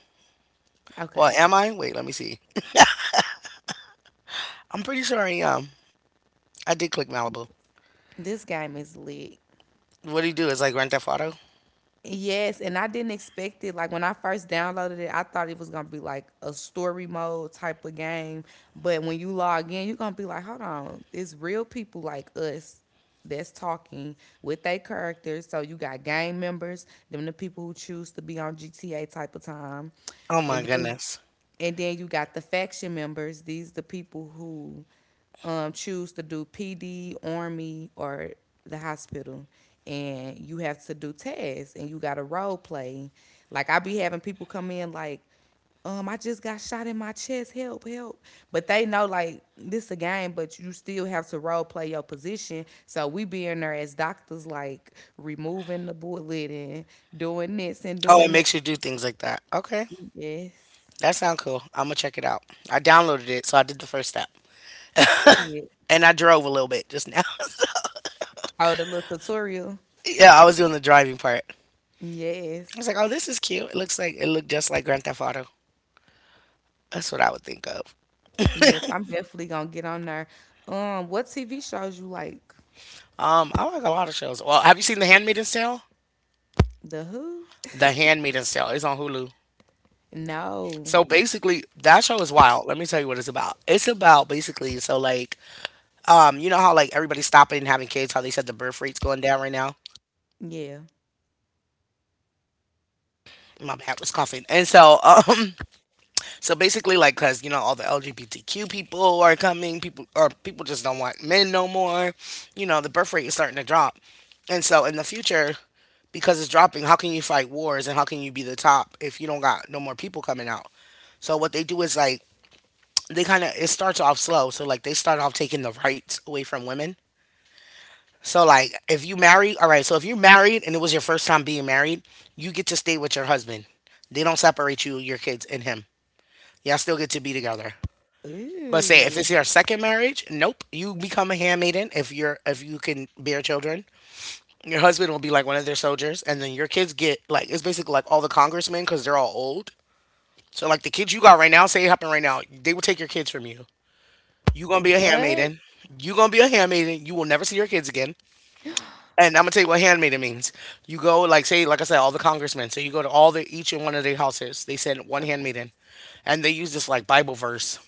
Speaker 1: Well,
Speaker 2: Okay.
Speaker 1: am I? Wait, let me see. I'm pretty sure I am. I did click Malibu.
Speaker 2: This game is lit.
Speaker 1: What do you do? It's like Grand Theft Auto?
Speaker 2: Yes, and I didn't expect it. Like when I first downloaded it, I thought it was gonna be like a story mode type of game. But when you log in, you're gonna be like, hold on, it's real people like us that's talking with their characters. So you got gang members, them the people who choose to be on GTA type of time.
Speaker 1: Oh my
Speaker 2: And then
Speaker 1: goodness.
Speaker 2: And then you got the faction members. These are the people who choose to do PD, Army, or the hospital. And you have to do tests and you got to role play. Like, I be having people come in, like, I just got shot in my chest. Help, help. But they know like this is a game, but you still have to role play your position. So we be in there as doctors, like removing the bullet and doing this and
Speaker 1: Oh, it
Speaker 2: doing that.
Speaker 1: makes you do things like that. Okay.
Speaker 2: Yes.
Speaker 1: That sounds cool. I'm gonna check it out. I downloaded it, so I did the first step.
Speaker 2: Period.
Speaker 1: And I drove a little bit just now.
Speaker 2: Oh, the little tutorial.
Speaker 1: <laughs> Yeah, I was doing the driving part. I
Speaker 2: Yes.
Speaker 1: was like, oh, this is cute. It looked just like Grand Theft Auto. That's what I would think of.
Speaker 2: Yes, I'm definitely gonna get on there. What TV shows you like?
Speaker 1: I like a lot of shows. Well, have you seen The Handmaid's Tale?
Speaker 2: The Who?
Speaker 1: The Handmaid's Tale. It's on Hulu.
Speaker 2: No.
Speaker 1: So basically, that show is wild. Let me tell you what it's about. It's about basically, so like, you know how, like, everybody's stopping and having kids. How they said the birth rate's going down right now.
Speaker 2: Yeah.
Speaker 1: My bad, was coughing. And so <laughs> so basically, like, because you know, all the LGBTQ people are coming. People just don't want men no more. You know the birth rate is starting to drop. And so in the future, because it's dropping, how can you fight wars and how can you be the top if you don't got no more people coming out? So what they do is, like, they kind of it starts off slow. So like they start off taking the rights away from women. So like if you marry, all right. So if you're married and it was your first time being married, you get to stay with your husband. They don't separate you, your kids, and him. Y'all still get to be together. But say if
Speaker 2: Ooh.
Speaker 1: it's your second marriage, nope. You become a handmaiden if you can bear children. Your husband will be like one of their soldiers, and then your kids get, like, it's basically like all the congressmen because they're all old. So like the kids you got right now, say it happened right now, they will take your kids from you. You're gonna be a
Speaker 2: What?
Speaker 1: handmaiden. You're gonna be a handmaiden. You will never see your kids again. And I'm gonna tell you what handmaiden means. You go, like, say, like I said, all the congressmen. So you go to all the each and one of their houses. They send one handmaiden, and they use this like Bible verse.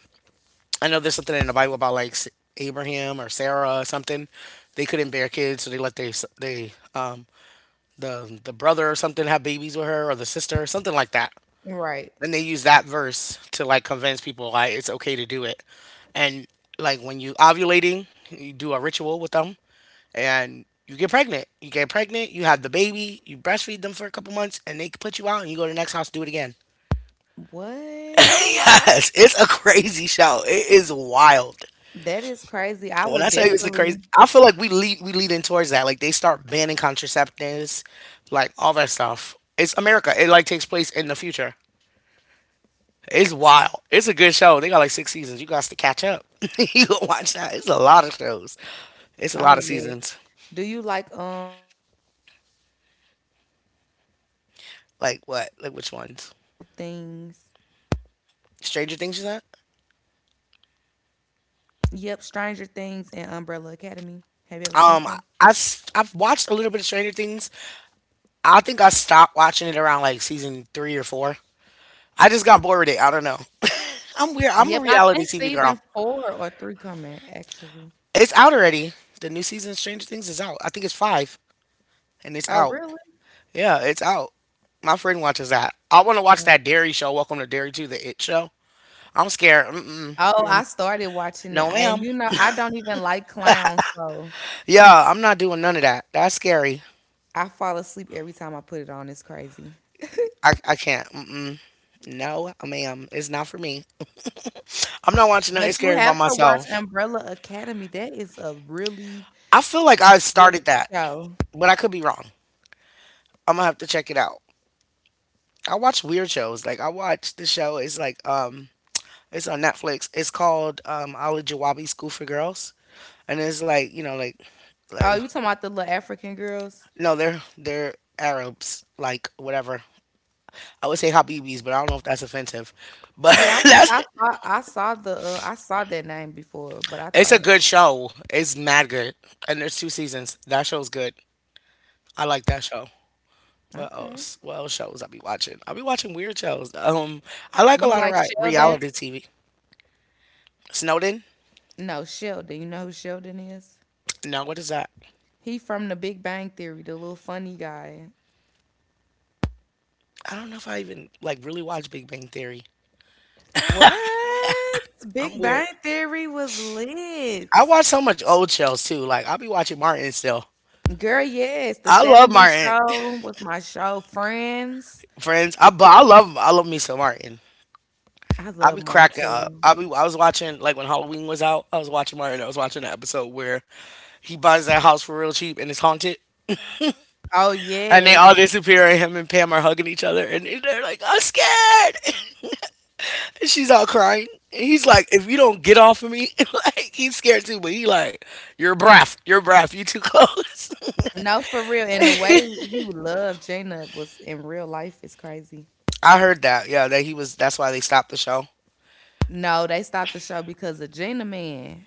Speaker 1: I know there's something in the Bible about like Abraham or Sarah or something. They couldn't bear kids, so they let their s- they the brother or something have babies with her or the sister, something like that.
Speaker 2: Right.
Speaker 1: Then they use that verse to like convince people like it's okay to do it. And like when you ovulating, you do a ritual with them and you get pregnant. You get pregnant, you have the baby, you breastfeed them for a couple months and they put you out and you go to the next house, do it again. <laughs>
Speaker 2: What?
Speaker 1: Yes, it's a crazy show. It is wild.
Speaker 2: That is crazy. I
Speaker 1: When I
Speaker 2: would
Speaker 1: tell you it's a crazy,
Speaker 2: definitely.
Speaker 1: I feel like we leading towards that. Like they start banning contraceptives, like all that stuff. It's America. It like takes place in the future. It's wild. It's a good show. They got like six seasons. You got to catch up. <laughs> You going watch that. It's a lot of shows. It's a lot
Speaker 2: Oh
Speaker 1: of
Speaker 2: yes.
Speaker 1: seasons.
Speaker 2: Do you like shows like Umbrella Academy,
Speaker 1: Like
Speaker 2: Stranger
Speaker 1: what? Like which
Speaker 2: Things?
Speaker 1: ones? Stranger Things is that?
Speaker 2: Yep, Stranger Things and Umbrella Academy. Have you ever seen them?
Speaker 1: Um, I I've watched a little bit of Stranger Things. I think I stopped watching it around like season three or four. I just got bored with it. I don't know. <laughs> I'm weird.
Speaker 2: Yep,
Speaker 1: I'm a
Speaker 2: I think
Speaker 1: reality TV
Speaker 2: season
Speaker 1: girl.
Speaker 2: 4 or 3 coming actually.
Speaker 1: It's out already. The new season of Stranger Things is out. I think it's five, and it's
Speaker 2: Oh,
Speaker 1: out.
Speaker 2: really?
Speaker 1: Yeah, it's out. My friend watches that. I want to watch that Dairy show. Welcome to Dairy 2, the It show. I'm scared. Mm-mm.
Speaker 2: Oh, I
Speaker 1: Mm.
Speaker 2: started watching it,
Speaker 1: No,
Speaker 2: and
Speaker 1: ma'am.
Speaker 2: you know, I don't even like clowns, so
Speaker 1: Yeah, I'm not doing none of that. That's scary.
Speaker 2: I fall asleep every time I put it on, it's crazy.
Speaker 1: I can't. Mm-mm. No, ma'am. It's not for me. I'm not watching nothing
Speaker 2: But you
Speaker 1: scary by
Speaker 2: have to watch
Speaker 1: myself.
Speaker 2: Umbrella Academy, that is a really
Speaker 1: I feel like I
Speaker 2: good
Speaker 1: started that,
Speaker 2: show.
Speaker 1: but I could be wrong. I'm gonna have to check it out. I watch weird shows. Like I watch the show. It's like it's on Netflix. It's called Ali Jawabi School for Girls, and it's like, you know,
Speaker 2: Oh,
Speaker 1: like,
Speaker 2: you talking about the little African girls?
Speaker 1: no, they're Arabs, like, whatever. I would say Habibis, but I don't know if that's offensive. But
Speaker 2: Yeah,
Speaker 1: <laughs>
Speaker 2: I'm like,
Speaker 1: that's
Speaker 2: I saw the, I saw that name before, but I
Speaker 1: It's a
Speaker 2: thought,
Speaker 1: good show. It's mad good. And there's two seasons. That show's good. I like that show. What
Speaker 2: "Okay."
Speaker 1: else? What else shows I be watching? I be watching weird shows. I like a
Speaker 2: You
Speaker 1: lot of
Speaker 2: like Sheldon?
Speaker 1: reality TV. Snowden?
Speaker 2: No, Sheldon, you know who Sheldon is?
Speaker 1: No, what is that?
Speaker 2: He from the Big Bang Theory, the little funny guy.
Speaker 1: I don't know if I even like really watch Big Bang Theory.
Speaker 2: What?
Speaker 1: I'm
Speaker 2: Big
Speaker 1: weird.
Speaker 2: Bang Theory was
Speaker 1: I
Speaker 2: lit.
Speaker 1: watch so much old shows too. Like I'll be watching Martin still.
Speaker 2: Girl, yes, the
Speaker 1: I love
Speaker 2: '70s
Speaker 1: Martin. <laughs>
Speaker 2: show was my show, Friends.
Speaker 1: Friends. I love me some Martin.
Speaker 2: I
Speaker 1: I
Speaker 2: love
Speaker 1: be
Speaker 2: Martin
Speaker 1: cracking up.
Speaker 2: too.
Speaker 1: I was watching, like, when Halloween was out. I was watching Martin. I was watching the episode where he buys that house for real cheap and it's haunted.
Speaker 2: Oh
Speaker 1: And they
Speaker 2: yes.
Speaker 1: all disappear and him and Pam are hugging each other and they're like, I'm scared. <laughs> And she's all crying. And he's like, if you don't get off of me, <laughs> like he's scared too, but he like, You're breath, you too close.
Speaker 2: No, for real. And the way he loved Gina was in real life is crazy.
Speaker 1: <laughs> I heard that, yeah, that he was that's why they stopped the show.
Speaker 2: No, they stopped the show because of Gina Man.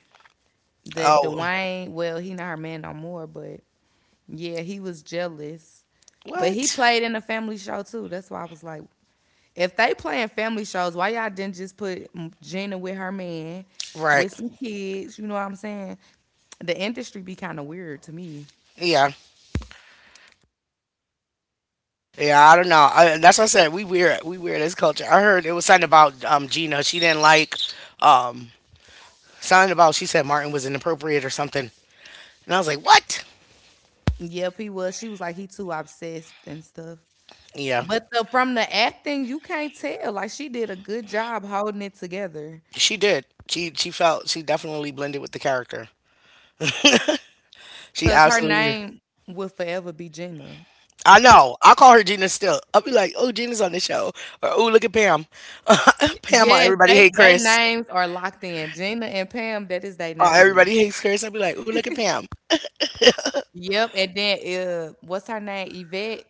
Speaker 2: That
Speaker 1: Oh
Speaker 2: Dwayne, well, he not her man no more, but yeah, he was jealous. But he
Speaker 1: what?
Speaker 2: played in a family show too. That's why I was like, if they playing family shows, why y'all didn't just put mm, Gina with her man
Speaker 1: Right.
Speaker 2: with some kids? You know what I'm saying? The industry be kind of weird to me.
Speaker 1: Yeah. Yeah, I don't know. That's what I said. We weird. We weird as culture. I heard it was something about Gina. She didn't like um, something about. She said Martin was inappropriate or something. And I was like, "What?"
Speaker 2: Yep, he was. She was like he too obsessed and stuff.
Speaker 1: Yeah,
Speaker 2: But from the acting, you can't tell. Like she did a good job holding it together.
Speaker 1: she did. She felt, she definitely blended with the character. She
Speaker 2: Cause her
Speaker 1: absolutely did.
Speaker 2: name will forever be Gina.
Speaker 1: I know. I call her Gina still. I'll be like, "Oh, Gina's on the show," or "Oh, look at Pam." <laughs> Pam on
Speaker 2: Yes,
Speaker 1: Everybody Hate
Speaker 2: they
Speaker 1: Chris.
Speaker 2: names are locked in. Gina and Pam, that is their
Speaker 1: On
Speaker 2: name.
Speaker 1: Everybody Hates Chris. I'll be like, "Oh, look at Pam."
Speaker 2: Yep, and then, what's her name? Yvette?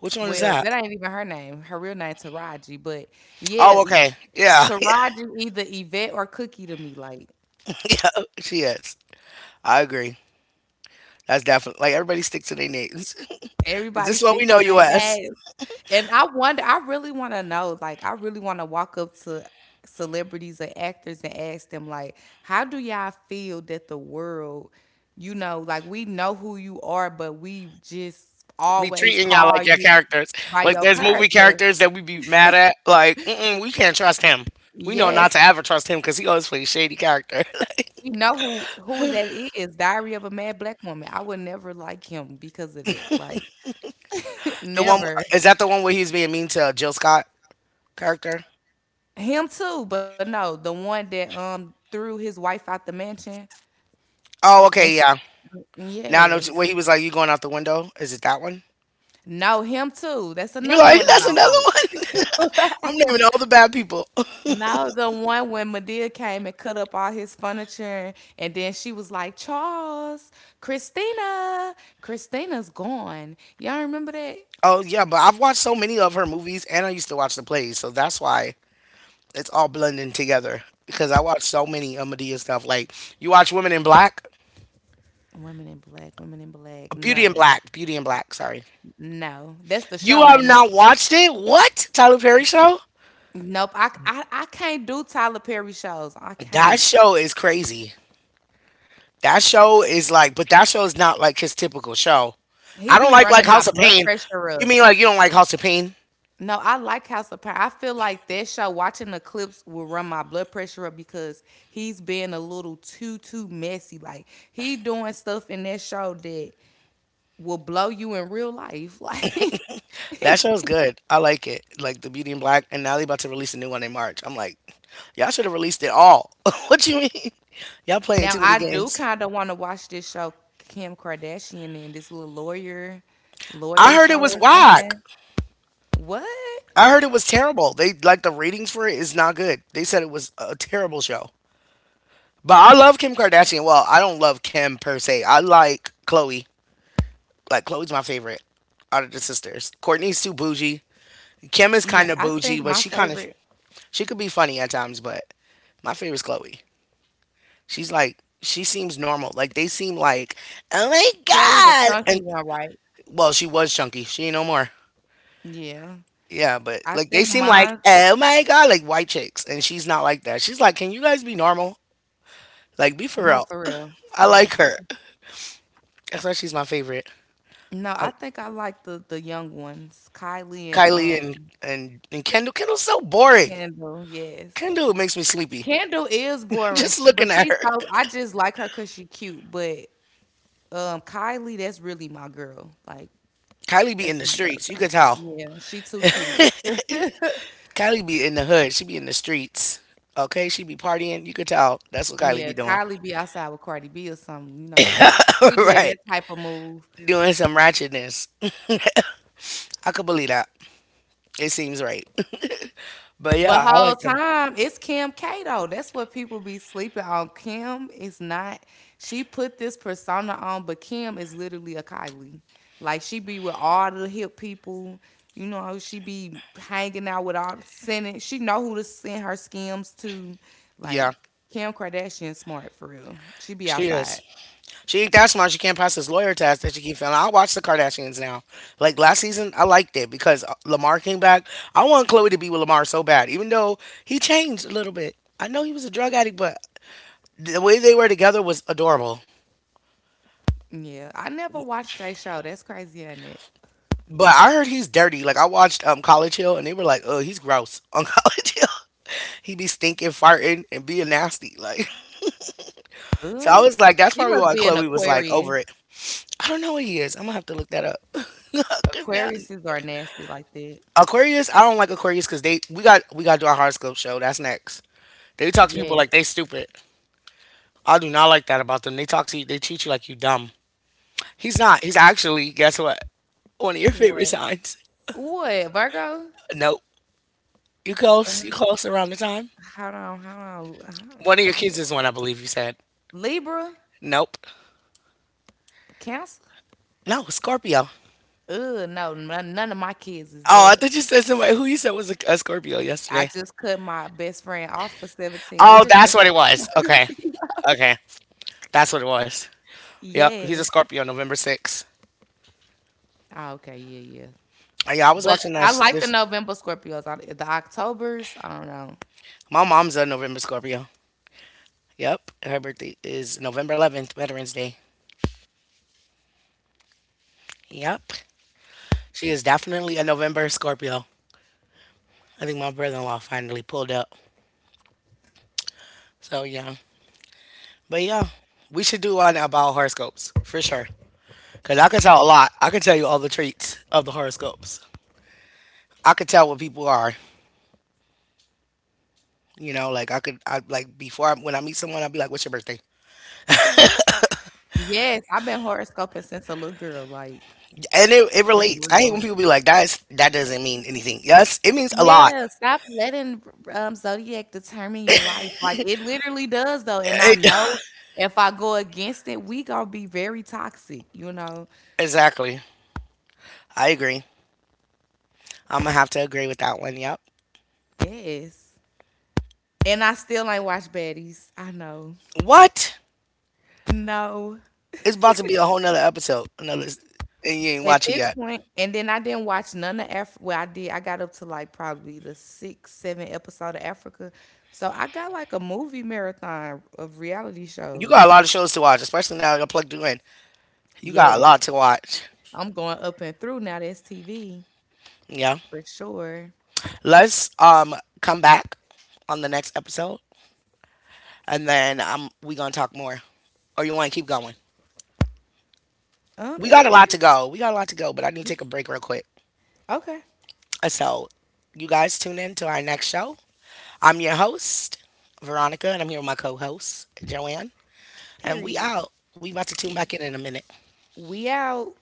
Speaker 1: Which one is
Speaker 2: Well,
Speaker 1: that?
Speaker 2: that ain't even her name. Her real name Taraji, but yeah,
Speaker 1: Oh,
Speaker 2: E
Speaker 1: okay. Yeah,
Speaker 2: Taraji either Yvette or Cookie to me, like,
Speaker 1: <laughs> yeah. She is. I agree. That's definitely like everybody sticks to their names. <laughs> Is
Speaker 2: everybody
Speaker 1: this what we
Speaker 2: sticks
Speaker 1: know
Speaker 2: to
Speaker 1: you
Speaker 2: their
Speaker 1: as?
Speaker 2: name, and I really wanna know, like, I really wanna walk up to celebrities or actors and ask them, like, "How do y'all feel that the world, you know, like, we know who you are, but we just
Speaker 1: Be
Speaker 2: always
Speaker 1: treating y'all
Speaker 2: call
Speaker 1: like your
Speaker 2: you
Speaker 1: characters.
Speaker 2: by
Speaker 1: Like
Speaker 2: your
Speaker 1: there's movie
Speaker 2: character."
Speaker 1: characters that we be mad at. Like mm-mm, we can't trust him. We know not
Speaker 2: Yes.
Speaker 1: to ever trust him because he always plays shady character. <laughs>
Speaker 2: We know who that is. Diary of a Mad Black Woman. I would never like him because of that. Like <laughs>
Speaker 1: The one
Speaker 2: never.
Speaker 1: is that the one where he's being mean to Jill Scott character?
Speaker 2: Him too, but no, the one that threw his wife out the mansion
Speaker 1: Oh,
Speaker 2: and
Speaker 1: okay, yeah.
Speaker 2: sh
Speaker 1: Now I know
Speaker 2: yes.
Speaker 1: where he was like, "You going out the window?" Is it that one?
Speaker 2: No, him too. That's
Speaker 1: You're
Speaker 2: another
Speaker 1: like, <laughs>
Speaker 2: one I
Speaker 1: "That's
Speaker 2: don't
Speaker 1: another
Speaker 2: like.
Speaker 1: one." <laughs> I'm naming all the bad people. <laughs>
Speaker 2: No, the one when Medea came and cut up all his furniture, and then she was like, Charles, Christina, Christina's gone. Y'all remember that?
Speaker 1: Oh yeah, but I've watched so many of her movies, and I used to watch the plays, so that's why it's all blending together. Because I watched so many Amadea stuff. Like you watch Women in Black.
Speaker 2: Women in black, women in black.
Speaker 1: Beauty and
Speaker 2: No.
Speaker 1: Black. Beauty and Black. Sorry.
Speaker 2: No, that's the show,
Speaker 1: You have
Speaker 2: ain't it?
Speaker 1: not watched it? What? Tyler Perry show?
Speaker 2: Nope. I can't do Tyler Perry shows. I
Speaker 1: That
Speaker 2: can't.
Speaker 1: show is crazy. That show is like, but that show is not like his typical show.
Speaker 2: He
Speaker 1: I don't
Speaker 2: be
Speaker 1: like
Speaker 2: running my
Speaker 1: House of
Speaker 2: blood
Speaker 1: Pain.
Speaker 2: pressure
Speaker 1: You
Speaker 2: up.
Speaker 1: mean like you don't like House of Pain?
Speaker 2: No, I like House of Power. I feel like that show, watching the clips, will run my blood pressure up because he's being a little too messy. Like he doing stuff in that show that will blow you in real life. <laughs> Like
Speaker 1: That show is good. I like it. Like the Beauty and Black, and now they about to release a new one in March. I'm like, y'all should have released it all. <laughs> What you mean? Y'all playing
Speaker 2: now,
Speaker 1: too many
Speaker 2: I do
Speaker 1: games.
Speaker 2: kind of want to watch this show, Kim Kardashian and this little
Speaker 1: I
Speaker 2: lawyer
Speaker 1: heard
Speaker 2: show
Speaker 1: it was
Speaker 2: or
Speaker 1: whack.
Speaker 2: something. What?
Speaker 1: I heard it was terrible. They like the ratings for it is not good. They said it was a terrible show. But I love Kim Kardashian. Well, I don't love Kim per se. I like Chloe. Like Chloe's my favorite out of the sisters. Courtney's too
Speaker 2: Yeah, I
Speaker 1: bougie.
Speaker 2: think my
Speaker 1: Kim is
Speaker 2: favorite
Speaker 1: kind of bougie, but she kind of she could be funny at times. But my favorite's Chloe. She's like she seems normal. Like they seem like oh my
Speaker 2: Chloe the
Speaker 1: god.
Speaker 2: chunky
Speaker 1: And
Speaker 2: one, right?
Speaker 1: well, she was chunky. She ain't no more.
Speaker 2: Yeah.
Speaker 1: Yeah, but
Speaker 2: I
Speaker 1: like they
Speaker 2: think
Speaker 1: seem like
Speaker 2: mine
Speaker 1: oh my god, like white chicks, and she's not like that. She's like, can you guys be normal? Like be for
Speaker 2: No,
Speaker 1: real.
Speaker 2: for real.
Speaker 1: I
Speaker 2: For real,
Speaker 1: like
Speaker 2: for
Speaker 1: her.
Speaker 2: real.
Speaker 1: That's why she's my favorite.
Speaker 2: No, I think I like the young ones. Kylie and
Speaker 1: Kylie and and Kendall. Kendall's so boring.
Speaker 2: Kendall, yes.
Speaker 1: Kendall makes me sleepy.
Speaker 2: Kendall is
Speaker 1: <laughs>
Speaker 2: boring,
Speaker 1: Just
Speaker 2: but
Speaker 1: looking at
Speaker 2: she's
Speaker 1: her.
Speaker 2: so I just like her cause she cute. But Kylie, that's really my girl. Like
Speaker 1: Kylie be
Speaker 2: that's
Speaker 1: in the
Speaker 2: my girl
Speaker 1: streets. You
Speaker 2: girl.
Speaker 1: could tell.
Speaker 2: Yeah, she too cute. <laughs>
Speaker 1: Kylie be in the hood. She be in the streets. Okay, she be partying. You could tell. That's what Kylie
Speaker 2: Yeah,
Speaker 1: be doing.
Speaker 2: Kylie be outside with Cardi B or something, you know. She get
Speaker 1: <laughs> Right.
Speaker 2: that type of move.
Speaker 1: Doing some ratchetness. <laughs> I could believe that. It seems right. <laughs> But yeah,
Speaker 2: But
Speaker 1: I
Speaker 2: whole
Speaker 1: like them.
Speaker 2: time it's Kim K though. That's what people be sleeping on. Kim is not. She put this persona on, but Kim is literally a Kylie. Like she be with all the hip people. You know, she be hanging out with all the sending. She know who to send her scams to. Like
Speaker 1: Yeah,
Speaker 2: Kim Kardashian, smart for real. She be
Speaker 1: she is.
Speaker 2: outside.
Speaker 1: She ain't that smart. She can't pass this lawyer test that she keep failing. I watch the Kardashians now. Like last season, I liked it because Lamar came back. I want Chloe to be with Lamar so bad, even though he changed a little bit. I know he was a drug addict, but the way they were together was adorable.
Speaker 2: Yeah, I never watched that show. That's crazy, ain't it?
Speaker 1: But I heard he's dirty. Like I watched College Hill, and they were like, "Oh, he's gross on <laughs> College Hill. He be stinking, farting, and being nasty." <laughs> Like so, I
Speaker 2: Good.
Speaker 1: was like, "That's
Speaker 2: She
Speaker 1: probably
Speaker 2: must
Speaker 1: why
Speaker 2: be an
Speaker 1: Chloe was like
Speaker 2: Aquarius.
Speaker 1: over it." I don't know what he is. I'm gonna have to look that up. <laughs> 'Cause now-
Speaker 2: Aquariuses are nasty like that.
Speaker 1: Aquarius, I don't like Aquarius because they we got to do our horoscope show. That's next. They talk to people like
Speaker 2: Yes.
Speaker 1: they stupid. I do not like that about them. They talk to you, they treat you like you dumb. He's not. He's actually guess what? One of your favorite
Speaker 2: What?
Speaker 1: signs.
Speaker 2: What? Virgo?
Speaker 1: Nope. You
Speaker 2: Uh,
Speaker 1: close. You close around the time.
Speaker 2: Hold on, hold on,
Speaker 1: One of your kids
Speaker 2: hold
Speaker 1: is
Speaker 2: on.
Speaker 1: one, I believe you said.
Speaker 2: Libra?
Speaker 1: Nope.
Speaker 2: Cancer?
Speaker 1: No, Scorpio.
Speaker 2: Ugh, no, none of my kids is
Speaker 1: Oh, I
Speaker 2: that.
Speaker 1: thought you said somebody who you said was a Scorpio
Speaker 2: I
Speaker 1: yesterday.
Speaker 2: just cut my best friend off for 17
Speaker 1: Oh,
Speaker 2: years.
Speaker 1: that's
Speaker 2: That's
Speaker 1: what it was. Okay.
Speaker 2: <laughs> a
Speaker 1: Okay. That's what it was. Yep.
Speaker 2: yes.
Speaker 1: He's a Scorpio, November 6th.
Speaker 2: Oh, okay, yeah, yeah.
Speaker 1: Yeah, I was
Speaker 2: But
Speaker 1: watching
Speaker 2: I
Speaker 1: that.
Speaker 2: like the
Speaker 1: This.
Speaker 2: November Scorpios. I, the Octobers, I don't know.
Speaker 1: My mom's a November Scorpio. Yep. Her birthday is November 11th, Veterans Day. Yep. She is definitely a November Scorpio. I think my brother in law finally pulled up. So, yeah. But, yeah, we should do one about horoscopes for sure. Because I could tell a lot. I could tell you all the traits of the horoscopes. I could tell what people are. You know, like I could, I like when I meet someone, I'd be like, "What's your birthday?"
Speaker 2: Yes, I've been horoscoping since a little girl. Like,
Speaker 1: And it
Speaker 2: it's
Speaker 1: relates. I hate
Speaker 2: real.
Speaker 1: when people be like, "That's "that doesn't mean anything." Yes, it means a lot.
Speaker 2: Yeah, stop letting zodiac determine your life, like, it literally does, though, and I know
Speaker 1: It-
Speaker 2: if I go against it, we gonna be very toxic, you know?
Speaker 1: <laughs> exactly. I agree. I'm gonna have to agree with that one. Yep.
Speaker 2: Yes, and I still ain't watch Baddies, I know.
Speaker 1: What?
Speaker 2: No,
Speaker 1: It's about to be a whole nother episode. Another, and you ain't
Speaker 2: at
Speaker 1: watch it
Speaker 2: this
Speaker 1: yet.
Speaker 2: point and then I didn't watch none of Africa. Well, I did, I got up to, like, probably the 6, 7 episode of Africa, so I got, like, a movie marathon of reality
Speaker 1: You got a
Speaker 2: shows.
Speaker 1: lot of shows to watch, especially now that I plugged you in. You got a
Speaker 2: Yes,
Speaker 1: lot to watch.
Speaker 2: I'm going up and through now, that's TV
Speaker 1: Yeah.
Speaker 2: for sure.
Speaker 1: Let's come back on the next episode, and then we gonna talk more. Or you want to keep going? We
Speaker 2: It
Speaker 1: got a
Speaker 2: didn't
Speaker 1: lot to
Speaker 2: matter.
Speaker 1: go. We got a lot to go, but I need
Speaker 2: We,
Speaker 1: to take a break real quick.
Speaker 2: okay.
Speaker 1: So you guys tune in to our next show. I'm your host Veronica, and I'm here with my co-host Joanne, and we
Speaker 2: Period.
Speaker 1: out. We about to tune back in a minute.
Speaker 2: We out.